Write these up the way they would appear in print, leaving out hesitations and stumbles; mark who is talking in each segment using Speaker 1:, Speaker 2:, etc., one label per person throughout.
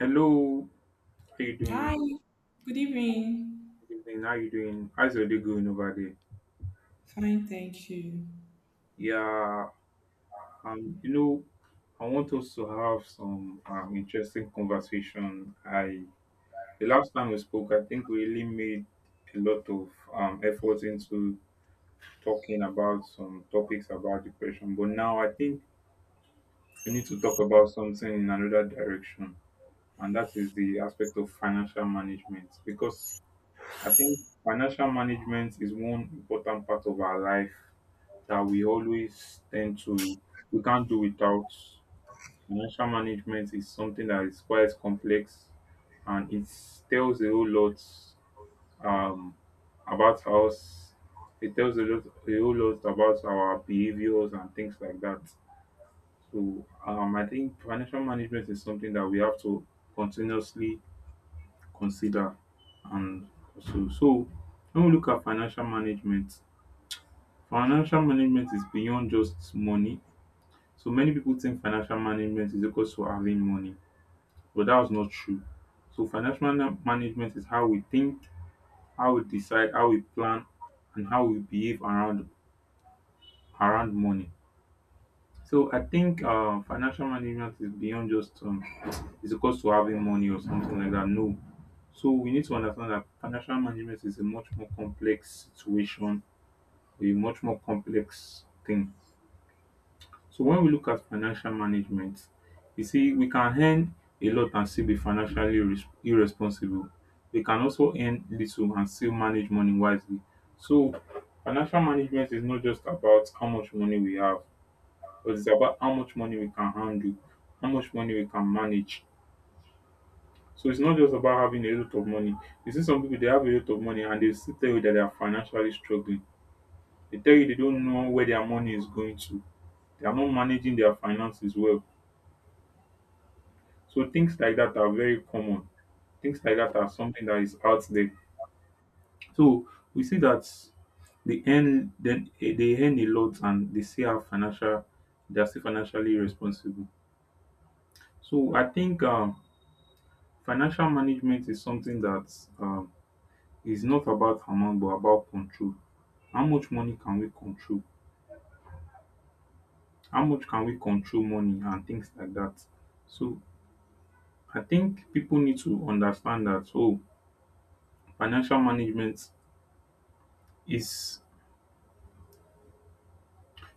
Speaker 1: Hello, how you
Speaker 2: Hi,
Speaker 1: doing?
Speaker 2: good evening.
Speaker 1: Good evening, how you doing? How's your day going over there?
Speaker 2: Fine, thank you.
Speaker 1: Yeah, um, you know, I want us to have some interesting conversation. I the last time we spoke, I think we really made a lot of effort into talking about some topics about depression, but now I think we need to talk about something in another direction, and that is the aspect of financial management because I think financial management is one important part of our life that we always tend to, we can't do without. Financial management is something that is quite complex and it tells a whole lot um, about us. It tells a whole lot about our behaviors and things like that. So I think financial management is something that we have to continuously consider, and so when we look at financial management is beyond just money. So many people think financial management is equal to having money, but that was not true. So financial management is how we think, how we decide, how we plan, and how we behave around money. So I think financial management is beyond just is equal to having money or something like that. No. So we need to understand that financial management is a much more complex situation, a much more complex thing. So when we look at financial management, you see, we can earn a lot and still be financially irresponsible. We can also earn little and still manage money wisely. So financial management is not just about how much money we have, but it's about how much money we can handle, how much money we can manage. So it's not just about having a lot of money. You see some people, they have a lot of money and they still tell you that they are financially struggling. They tell you they don't know where their money is going to. They are not managing their finances well. So things like that are very common. Things like that are something that is out there. So we see that they earn a lot and they still have financial, they are still financially responsible. So I think financial management is something that um, is not about amount but about control, how much money can we control, how much can we control money and things like that. So I think people need to understand that, oh, financial management is,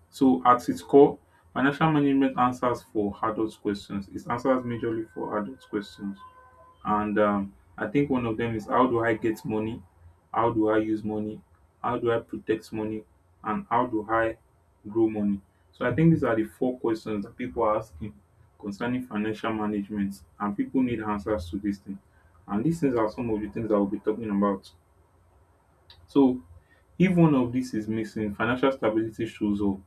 Speaker 1: so at its core, financial management answers for adult questions, it answers majorly for adult questions. And I think one of them is, how do I get money? How do I use money? How do I protect money? And how do I grow money? So I think these are the four questions that people are asking concerning financial management, and people need answers to these things. And these things are some of the things that we'll be talking about. So if one of these is missing, financial stability shows up.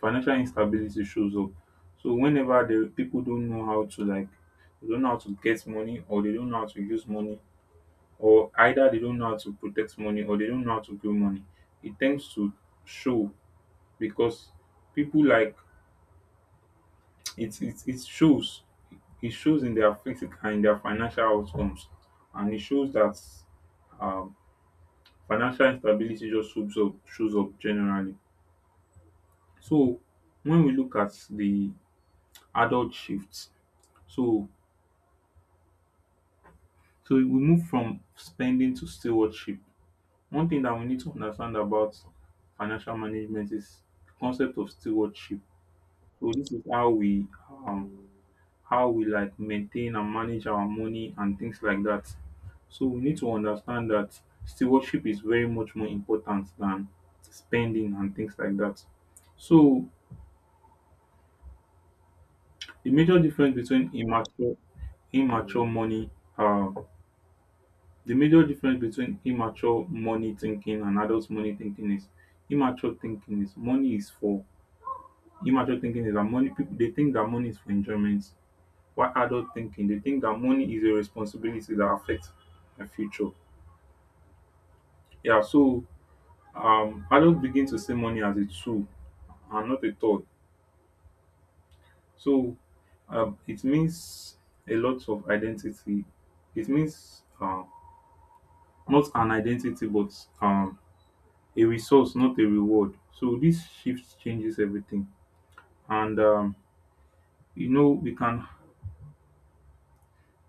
Speaker 1: Financial instability shows up. So whenever the people don't know how to, like, they don't know how to get money or they don't know how to use money, or either they don't know how to protect money or they don't know how to grow money, it tends to show, because people like it it, it shows it shows in their physical and their financial outcomes, and it shows that um, financial instability just shows up generally. So when we look at the adult shifts, so so we move from spending to stewardship. One thing that we need to understand about financial management is the concept of stewardship. So this is um, how we like maintain and manage our money and things like that. So we need to understand that stewardship is very much more important than spending and things like that. So the major difference between immature money, uh, the major difference between immature money thinking and adult money thinking is, immature thinking is money is for, immature thinking is that money, people, they think that money is for enjoyment. Why adult thinking? They think that money is a responsibility that affects my future. Yeah, so adults begin to see money as a tool and not a toy. So it means a lot of identity. It means not an identity, but um, a resource, not a reward. So this shift changes everything. And we can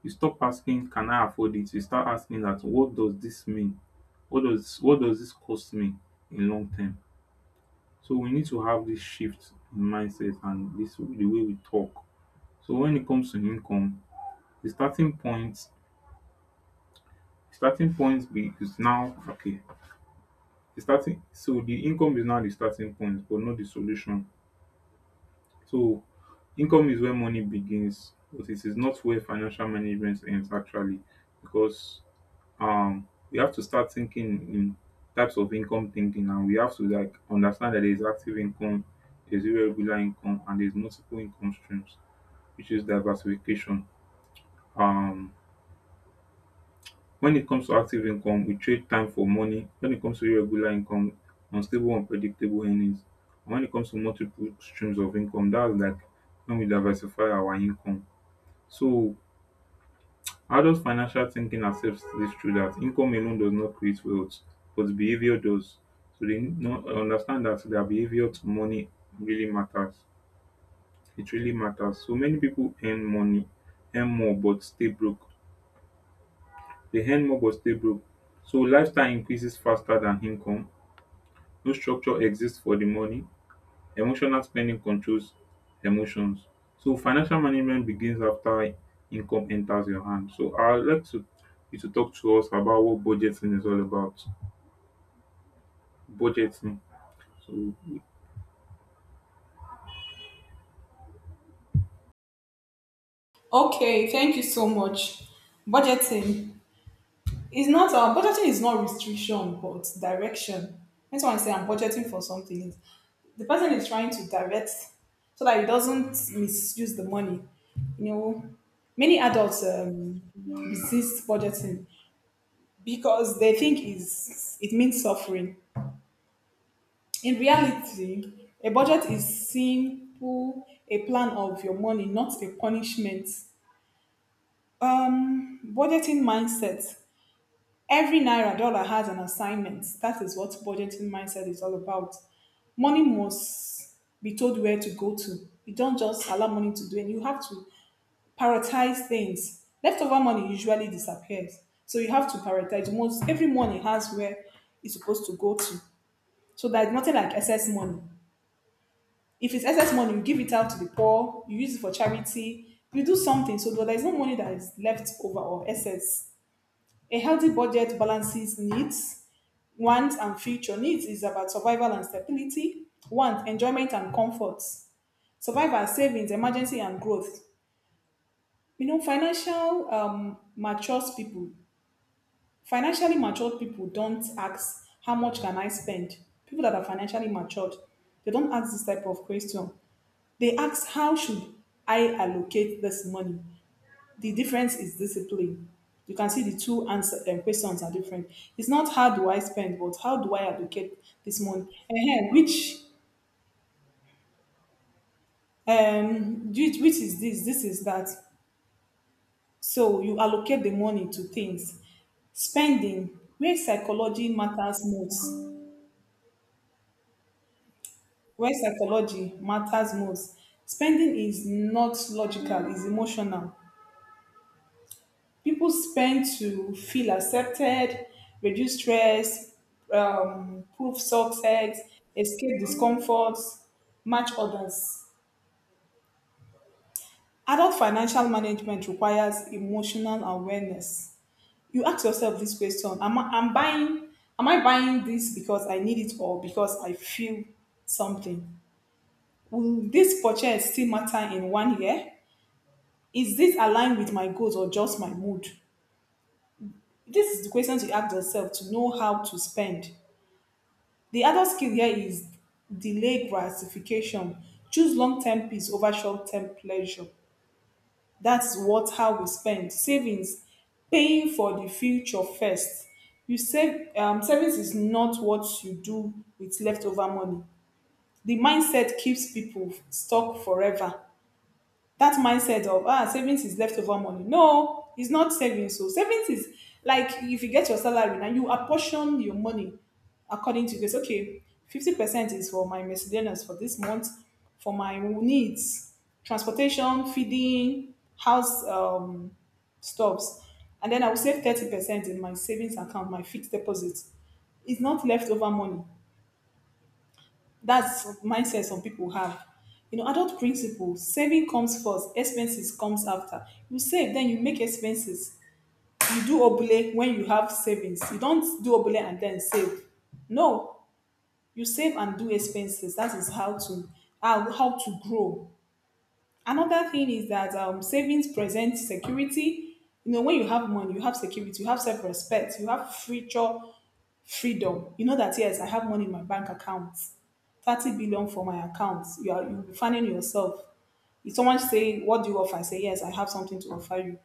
Speaker 1: you stop asking, can I afford it? You start asking that, what does this mean? What does this cost me in long term? So we need to have this shift in mindset and this, the way we talk. So when it comes to income, the starting point, starting point be is now okay the starting so the income is now the starting point, but not the solution. So income is where money begins, but it is not where financial management ends actually, because we have to start thinking in types of income thinking, and we have to, like, understand that there's active income, there's irregular income, and there's multiple income streams, which is diversification. um when it comes to active income, we trade time for money. When it comes to irregular income, unstable, unpredictable earnings. And when it comes to multiple streams of income, that's like when we diversify our income. So adult financial thinking accepts this truth, that income alone does not create wealth, but behavior does. So they understand that their behavior to money really matters. It really matters. So many people earn money, earn more but stay broke. They earn more but stay broke. So lifestyle increases faster than income, no structure exists for the money. Emotional spending controls emotions. So financial management begins after income enters your hand. So I would like to you to talk to us about what budgeting is all about. Budgeting. So
Speaker 2: Okay, thank you so much. Budgeting budgeting is not restriction but direction. That's why I say I'm budgeting for something. The person is trying to direct so that he doesn't misuse the money. You know, many adults resist budgeting because they think is it means suffering. In reality, a budget is simple a plan of your money, not a punishment. Budgeting mindset. Every naira dollar has an assignment. That is what budgeting mindset is all about. Money must be told where to go to. You don't just allow money to do, and you have to prioritize things. Leftover money usually disappears, so you have to prioritize. Most every money has where it's supposed to go to, so there's nothing like excess money. If it's excess money, you give it out to the poor, you use it for charity, you do something so that there's no money that is left over or excess. A healthy budget balances needs, wants, and future. Needs is about survival and stability, wants, enjoyment and comfort, survival, and savings, emergency, and growth. You know, financial mature people, financially matured people don't ask, how much can I spend? People that are financially matured, they don't ask this type of question. They ask, how should I allocate this money? The difference is discipline. You can see the two questions are different. It's not how do I spend, but how do I allocate this money? Ehen, which is this? This is that. So you allocate the money to things. Spending, where psychology matters most. Where psychology matters most. Spending is not logical, it's emotional. People spend to feel accepted, reduce stress, prove success, escape discomforts, match others. Adult financial management requires emotional awareness. You ask yourself this question: Am I am buying? Am I buying this because I need it or because I feel something? Will this purchase still matter in 1 year? Is this aligned with my goals or just my mood? This is the questions you ask yourself to know how to spend. The other skill here is delay gratification, choose longterm peace over shortterm pleasure. That's what how we spend. Savings, paying for the future first. You save um, savings is not what you do with leftover money. The mindset keeps people stuck forever, that mindset of ah savings is leftover money. No, it's not savings. So savings is like if you get your salary now, you apportion your money according to this. Okay, 50% is for my miscellaneous for this month, for my needs, transportation, feeding, house stuffs, and then I will save 30% in my savings account, my fixed deposit. It's not leftover money, that's mindset some people have. You know, adult principle, saving comes first, expenses comes after. You save, then you make expenses. You do obele when you have savings. You don't do obele and then save. No, you save and do expenses. That is how to how, how to grow. Another thing is that savings present security. You know, when you have money, you have security, you have self-respect, you have future freedom. You know that yes, I have money in my bank account, 30 billion for my account. You are you be finding yourself. If someone say, "What do you offer?" I say, "Yes, I have something to offer you."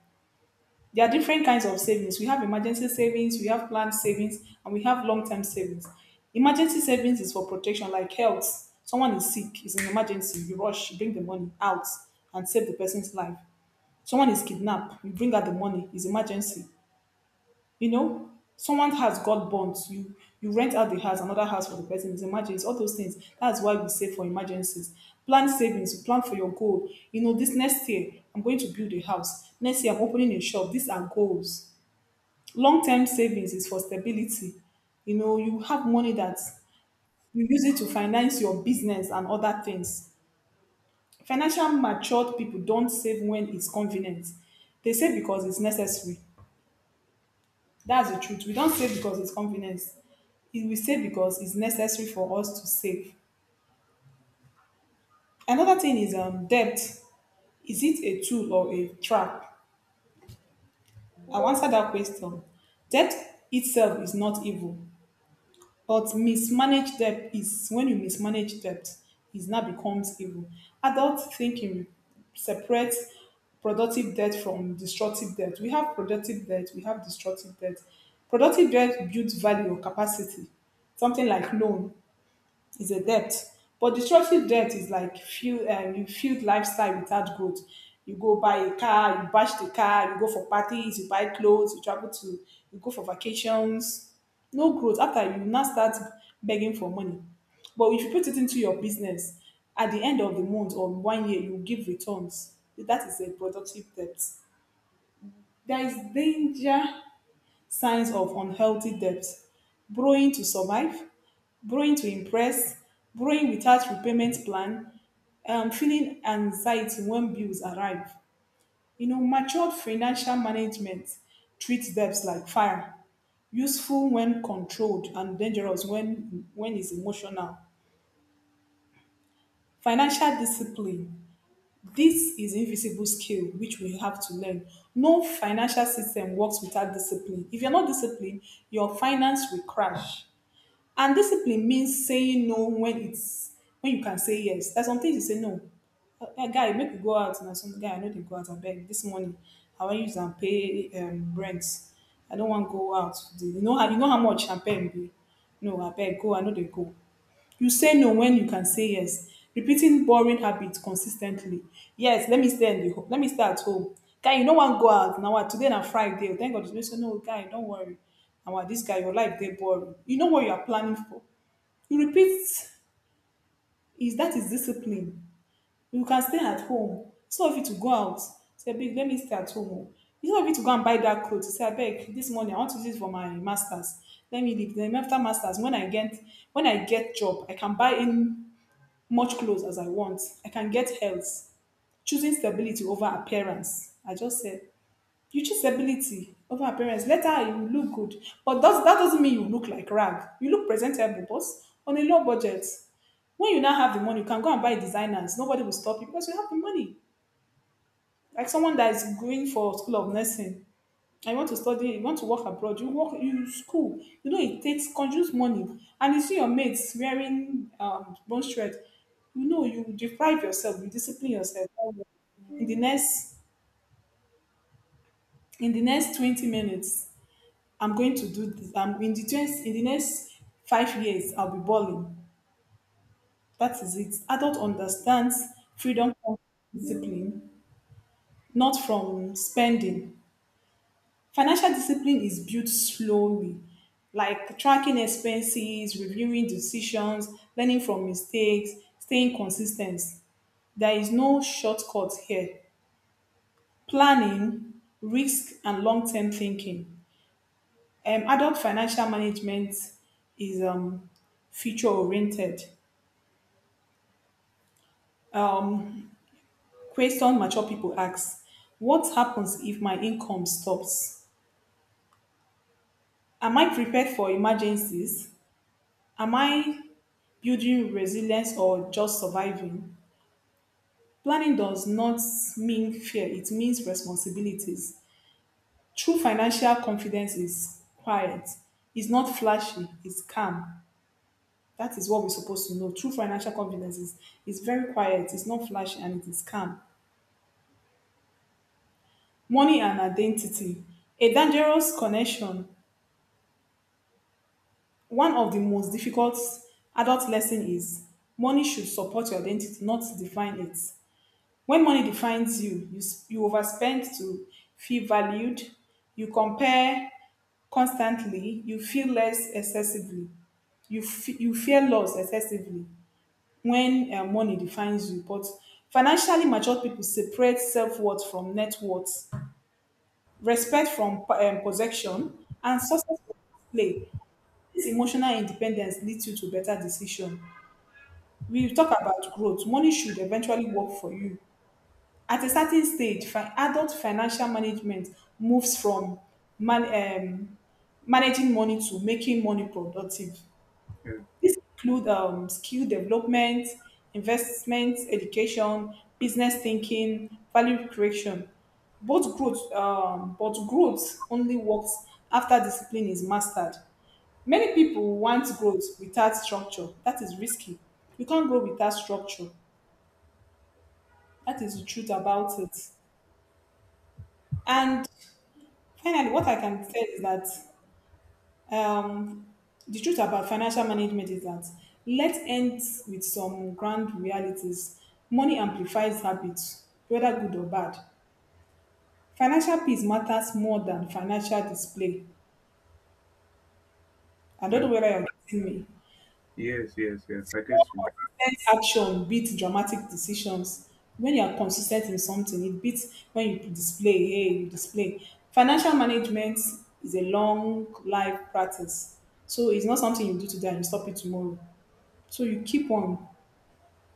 Speaker 2: There are different kinds of savings. We have emergency savings, we have planned savings, and we have long-term savings. Emergency savings is for protection, like health. Someone is sick, is an emergency. You rush, you bring the money out and save the person's life. Someone is kidnapped, you bring out the money. It's emergency. You know, someone has got bonds. You rent out the house, another house for the person. It's emergency. All those things. That's why we save for emergencies. Plan savings. You plan for your goal. You know, this next year I'm going to build a house. Next year I'm opening a shop. These are goals. Long term savings is for stability. You know, you have money that you use it to finance your business and other things. Financial matured people don't save when it's convenient. They save because it's necessary. That's the truth. We don't save because it's convenience. We save because it's necessary for us to save. Another thing is debt. Is it a tool or a trap? I'll answer that question. Debt itself is not evil, but mismanaged debt is when you mismanage debt, it now becomes evil. Adult thinking separates productive debt from destructive debt. We have productive debt, we have destructive debt. Productive debt builds value or capacity, something like loan is a debt. But destructive debt is like fuel, you fuel lifestyle without growth. You go buy a car, you bash the car, you go for parties, you buy clothes, you travel to, you go for vacations. No growth. After you now start begging for money. But if you put it into your business, at the end of the month or 1 year, you give returns. That is a productive debt. There is danger signs of unhealthy debt, borrowing to survive, borrowing to impress, borrowing without repayment plan, feeling anxiety when bills arrive. You know, matured financial management treats debts like fire, useful when controlled and dangerous when it's emotional. Financial discipline. This is invisible skill which we have to learn. No financial system works without discipline. If you're not disciplined, your finance will crash. And discipline means saying no when it's when you can say yes. There's some things you say no. Guy, make we go out now. Some guy I know they go out. I beg this morning. I want use and pay rent. I don't want to go out today." You know, you know how much champagne be. No, I beg go. I know they go, you say no when you can say yes, repeating boring habits consistently. Yes, let me stay at the home. Let me stay at home, guy, you no wan go out now. Wa today na friday o, thank god you say no, guy, don't worry. Na wa this guy, your life dey boring, you know what you are planning for, you repeat, is that is discipline. You can stay at home. Some of you to go out, say babe let me stay at home o, it's not fit to go and buy that cloth. You say abeg this morning I want to use it for my masters, let me leave, then after masters when I get, when I get job I can buy in much clothes as I want. I can get health. Choosing stability over appearance. I just said, you choose stability over appearance. Later, you look good. But does, that doesn't mean you look like rag. You look presentable, boss, on a low budget. When you now have the money, you can go and buy designers. Nobody will stop you because you have the money. Like someone that is going for school of nursing. I want to study, you want to work abroad, you work, you school. You know, it takes consumes money. And you see your mates wearing bone shred. You know, you deprive yourself, you discipline yourself. In the next, in the next 20 minutes, I'm going to do this. I'm in the 20, in the next 5 years, I'll be balling. That is it. Adult understands freedom from discipline, not from spending. Financial discipline is built slowly, like tracking expenses, reviewing decisions, learning from mistakes, staying consistent. There is no shortcut here. Planning, risk, and long term thinking. Adult financial management is future oriented. Um, Question mature people ask, what happens if my income stops? Am I prepared for emergencies? Am I building resilience or just surviving, planning does not mean fear, it means responsibilities. True financial confidence is quiet, it's not flashy, it's calm. That is what we're supposed to know. True financial confidence is very quiet, it's not flashy, and it is calm. Money and identity. A dangerous connection. One of the most difficult adult lesson is money should support your identity, not define it. When money defines you overspend to feel valued, you compare constantly, you feel less excessively, you fear loss excessively when money defines you. But financially mature people separate self-worth from net worth, respect from possession, and success from display. This emotional independence leads you to better decision. We talk about growth, money should eventually work for you. At a certain stage, adult financial management moves from man- um, managing money to making money productive.
Speaker 1: yeah,
Speaker 2: This includes skill development, investment, education, business thinking, value creation. But growth only works after discipline is mastered. Many people want growth without structure. That is risky. You can't grow without structure. That is the truth about it. And finally, what I can say is that um, the truth about financial management is that let's end with some grand realities. Money amplifies habits, whether good or bad. Financial peace matters more than financial display. I don't
Speaker 1: yeah.
Speaker 2: know whether you're getting me.
Speaker 1: Yes, yes, yes. I get you.
Speaker 2: Sense action beats dramatic decisions. When you are consistent in something, it beats when you display. Hey, you display. Financial management is a long life practice. So it's not something you do today and you stop it tomorrow. So you keep on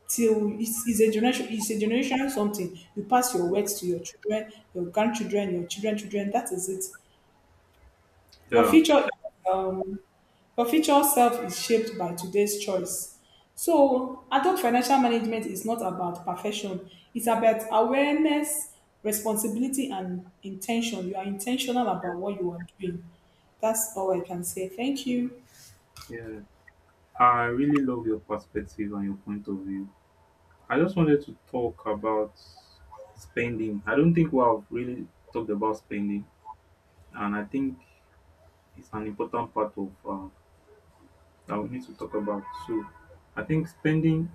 Speaker 2: till it's a generation, it's a generational something. You pass your words to your children, your grandchildren, your children, children. That is it. Your
Speaker 1: Yeah,
Speaker 2: future um your future self is shaped by today's choice. So adult financial management is not about perfection. It's about awareness, responsibility, and intention. You are intentional about what you are doing. That's all I can say. Thank you.
Speaker 1: yeah. I really love your perspective and your point of view. I just wanted to talk about spending. I don't think we have really talked about spending, and I think it's an important part of I would need to talk about. So I think spending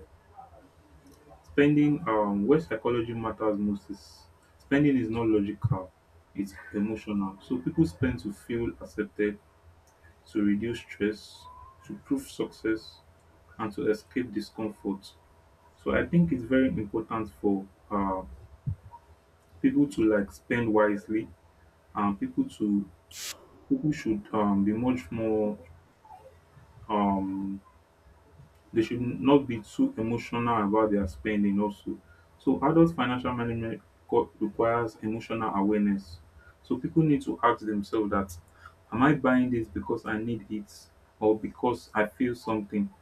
Speaker 1: spending where psychology matters most is, spending is not logical, it's emotional. So people spend to feel accepted, to reduce stress, to prove success, and to escape discomfort. So I think it's very important for people to like spend wisely, and people to, people should be much more um, they should not be too emotional about their spending also. So adult financial management requires emotional awareness. So people need to ask themselves that, am I buying this because I need it or because I feel something?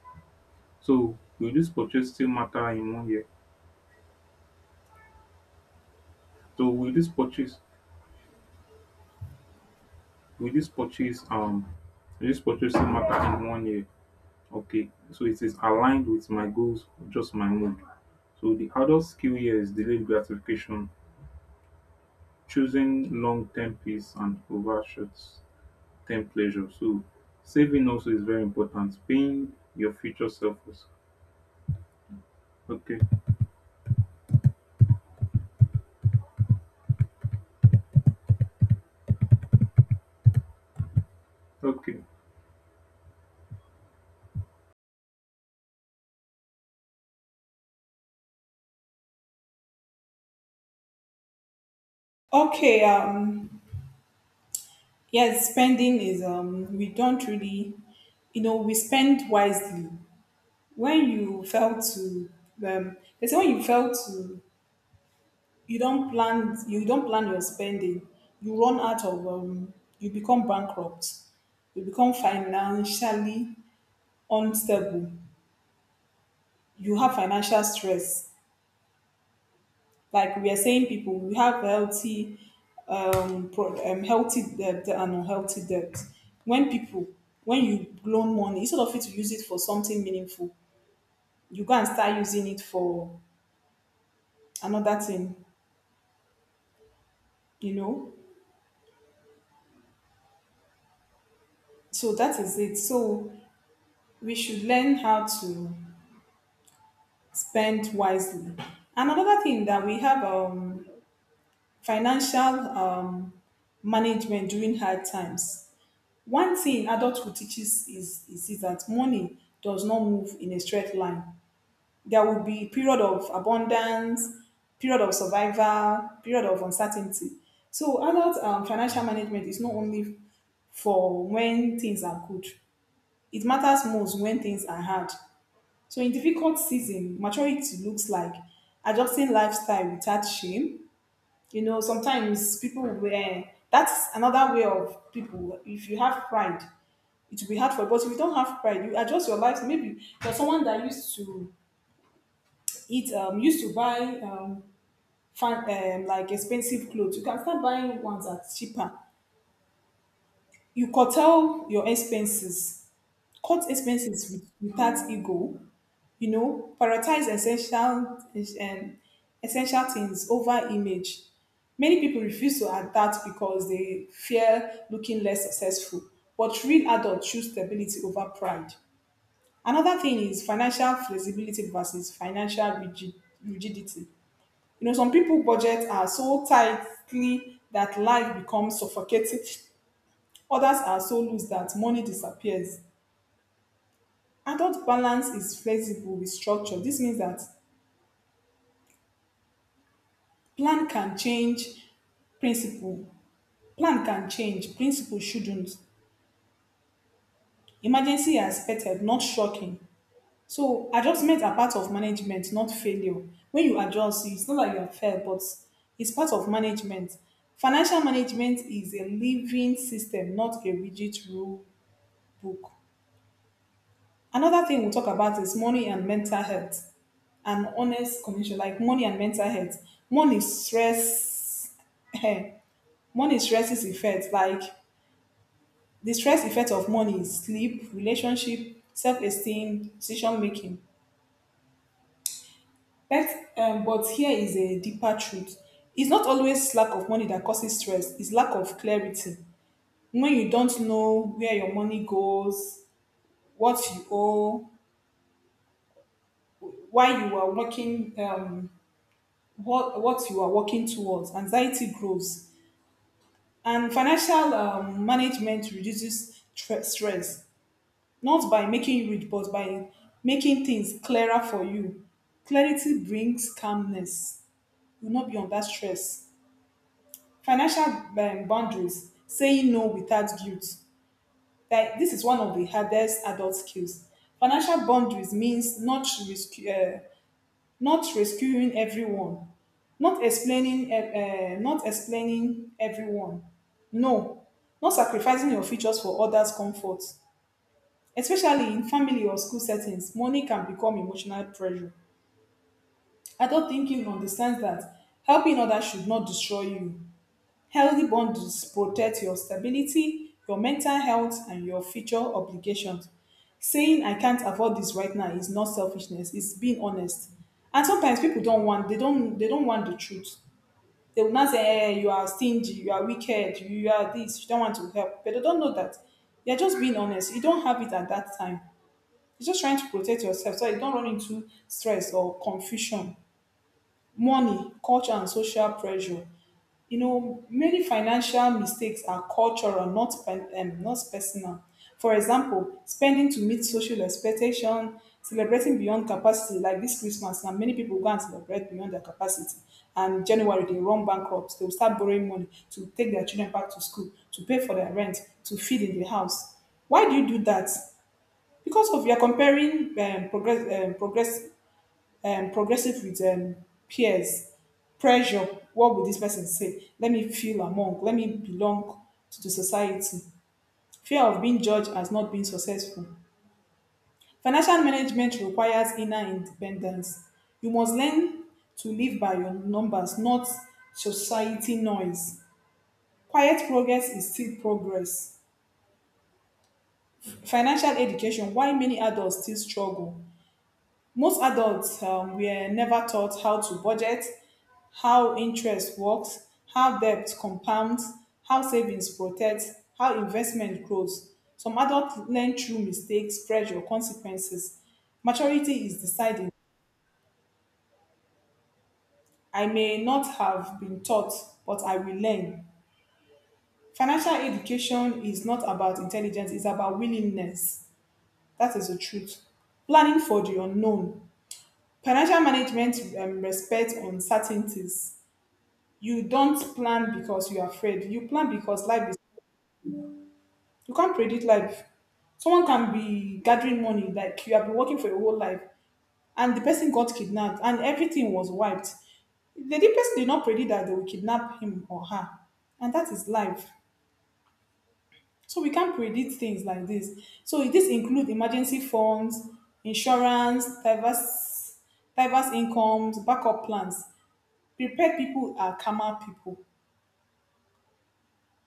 Speaker 1: So will this purchase still matter in one year? So will this purchase will this purchase will this purchase still matter in one year? Okay. So it is aligned with my goals or just my mood. So the adult skill here is delayed gratification, choosing long term peace and over short term pleasure. So saving also is very important. Paying your future self also. Okay. Okay.
Speaker 2: Okay, yes, spending is we don't really, you know, we spend wisely. When you fail to they say when you fail to you don't plan, you don't plan your spending, you run out of you become bankrupt, you become financially unstable, you have financial stress. Like we are saying, people we have healthy, healthy debt and unhealthy debt. When people, when you loan money, instead of it to use it for something meaningful, you go and start using it for another thing. You know, so that is it. So we should learn how to spend wisely. And another thing that we have financial management during hard times. One thing adulthood teaches is that money does not move in a straight line. There will be period of abundance, period of survival, period of uncertainty. So adult financial management is not only for when things are good. It matters most when things are hard. So in difficult season, maturity looks like adjusting lifestyle without shame. You know, sometimes people will, that's another way of people, if you have pride, it will be hard for you. But if you don't have pride, you adjust your life. Maybe you're someone that used to eat, used to buy fan, like expensive clothes. You can start buying ones that are cheaper. You curtail your expenses. Cut expenses with, without ego. You know, prioritize essential and essential things over image. Many people refuse to adapt because they fear looking less successful. But real adults choose stability over pride. Another thing is financial flexibility versus financial rigidity. You know, some people budget are so tightly that life becomes suffocating. Others are so loose that money disappears. Adult balance is flexible with structure. This means that plan can change, principle plan can change, principle shouldn't. Emergency are expected, not shocking. So adjustments are part of management, not failure. When you adjust, it's not like you are failed, but it's part of management. Financial management is a living system, not a rigid rule book. Another thing we'll talk about is money and mental health. An honest condition, like money and mental health. Money stress money stresses effects, like the stress effect of money is sleep, relationship, self-esteem, decision making. But, but here is a deeper truth. It's not always lack of money that causes stress, it's lack of clarity. When you don't know where your money goes, what you owe, why you are working, what you are working towards, anxiety grows. And financial management reduces stress, not by making you rich, but by making things clearer for you. Clarity brings calmness. You will not be under stress. Financial boundaries, saying no without guilt, like this is one of the hardest adult skills. Financial boundaries means not rescuing everyone, not explaining not explaining everyone, no, not sacrificing your features for others comfort, especially in family or school settings, money can become emotional pressure. Adult thinking understands that helping others should not destroy you. Healthy bundles protect your stability, your mental health, and your future obligations. Saying I can't afford this right now is not selfishness, it's being honest. And sometimes people don't want, they don't want the truth. They will not say, hey, you are stingy, you are wicked, you are this, you don't want to help. But they don't know that. They're just being honest. You don't have it at that time. You're just trying to protect yourself so you don't run into stress or confusion. Money, culture and social pressure. You know, many financial mistakes are cultural, not personal. For example, spending to meet social expectation, celebrating beyond capacity, like this Christmas, now many people go and celebrate beyond their capacity. And January, they run bankrupt. They will start borrowing money to take their children back to school, to pay for their rent, to feed in the house. Why do you do that? Because of you're comparing progressive with peers, pressure. What will this person say? Let me feel among, let me belong to the society. Fear of being judged as not being successful. Financial management requires inner independence. You must learn to live by your numbers, not society noise. Quiet progress is still progress. Financial education, why many adults still struggle. Most adults were never taught how to budget, how interest works, how debt compounds, how savings protect, how investment grows. Some adults learn through mistakes, pressure, consequences. Maturity is deciding. I may not have been taught, but I will learn. Financial education is not about intelligence, it's about willingness. That is the truth. Planning for the unknown. Financial management respects uncertainties. You don't plan because you're afraid. You plan because life is. You can't predict life. Someone can be gathering money like you have been working for your whole life, and the person got kidnapped, and everything was wiped. The person did not predict that they will kidnap him or her, and that is life. So we can't predict things like this. So this include emergency funds, insurance, diverse incomes, backup plans. Prepared people are calmer people.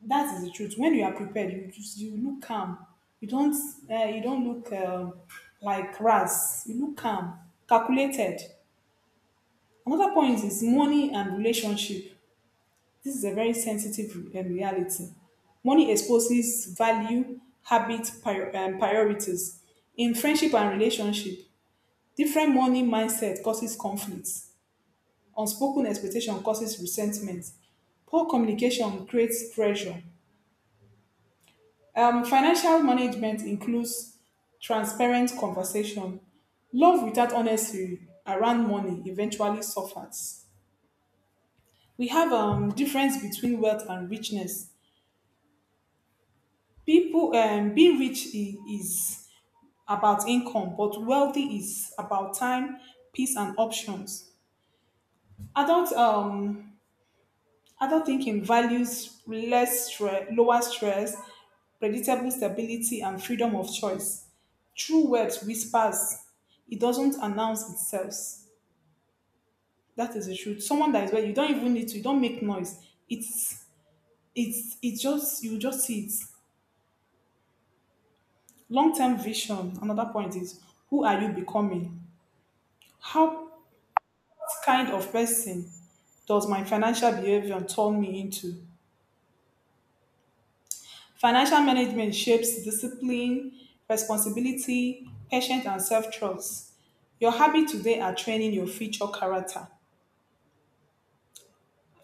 Speaker 2: That is the truth. When you are prepared, you just, you look calm, you don't, you don't look like ras, you look calm, calculated. Another point is money and relationship. This is a very sensitive reality. Money exposes value, habit, priorities in friendship and relationship. Different money mindset causes conflicts, unspoken expectation causes resentment, poor communication creates pressure. Financial management includes transparent conversation. Love without honesty around money eventually suffers. We have difference between wealth and richness. People is about income, but wealthy is about time, peace, and options. Adult um adult thinking values less stress, lower stress, predictable stability, and freedom of choice. True words whispers. It doesn't announce itself. That is the truth. Someone that is well, you don't even need to. You don't make noise. It's just you just see it. Long term vision. Another point is who are you becoming? How what kind of person does my financial behavior turn me into? Financial management shapes discipline, responsibility, patience, and self trust. Your habits today are training your future character.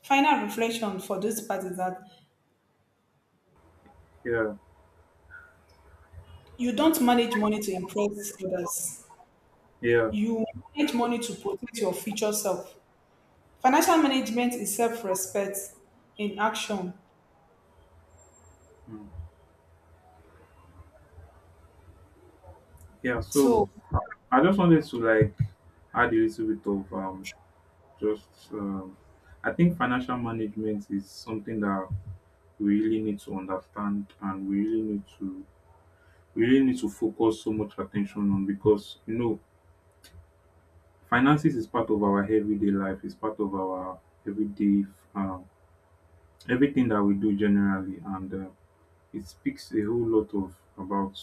Speaker 2: Final reflection for this part is that
Speaker 1: Yeah.
Speaker 2: you don't manage money to impress others.
Speaker 1: Yeah.
Speaker 2: You manage money to protect your future self. Financial management is self respect in action.
Speaker 1: Mm. Yeah. So
Speaker 2: So,
Speaker 1: I just wanted to like add a little bit of just I think financial management is something that we really need to understand, and we really need to, we really need to focus so much attention on, because, you know, finances is part of our everyday life, it's part of our everyday um, everything that we do generally, and it speaks a whole lot of about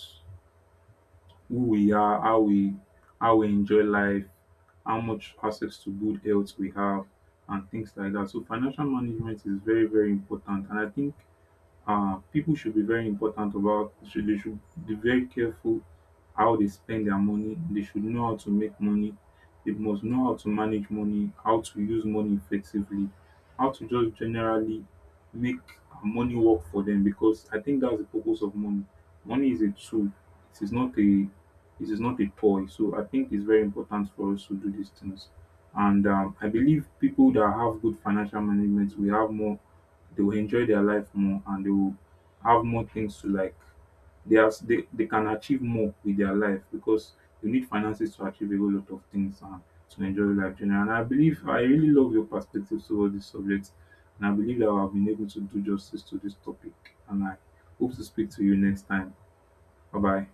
Speaker 1: who we are, how we, how we enjoy life, how much access to good health we have and things like that. So financial management is very, very important, and I think people should be very important about, should, they should be very careful how they spend their money. They should know how to make money, they must know how to manage money, how to use money effectively, how to just generally make money work for them, because I think that's the purpose of money. Money is a tool, it is not a, it is not a toy. So I think it's very important for us to do these things, and I believe people that have good financial management will have more, they will enjoy their life more, and they will have more things to like. They are they can achieve more with their life, because you need finances to achieve a whole lot of things and to enjoy life generally. And I believe, I really love your perspective towards this subject, and I believe that I have been able to do justice to this topic. And I hope to speak to you next time. Bye bye.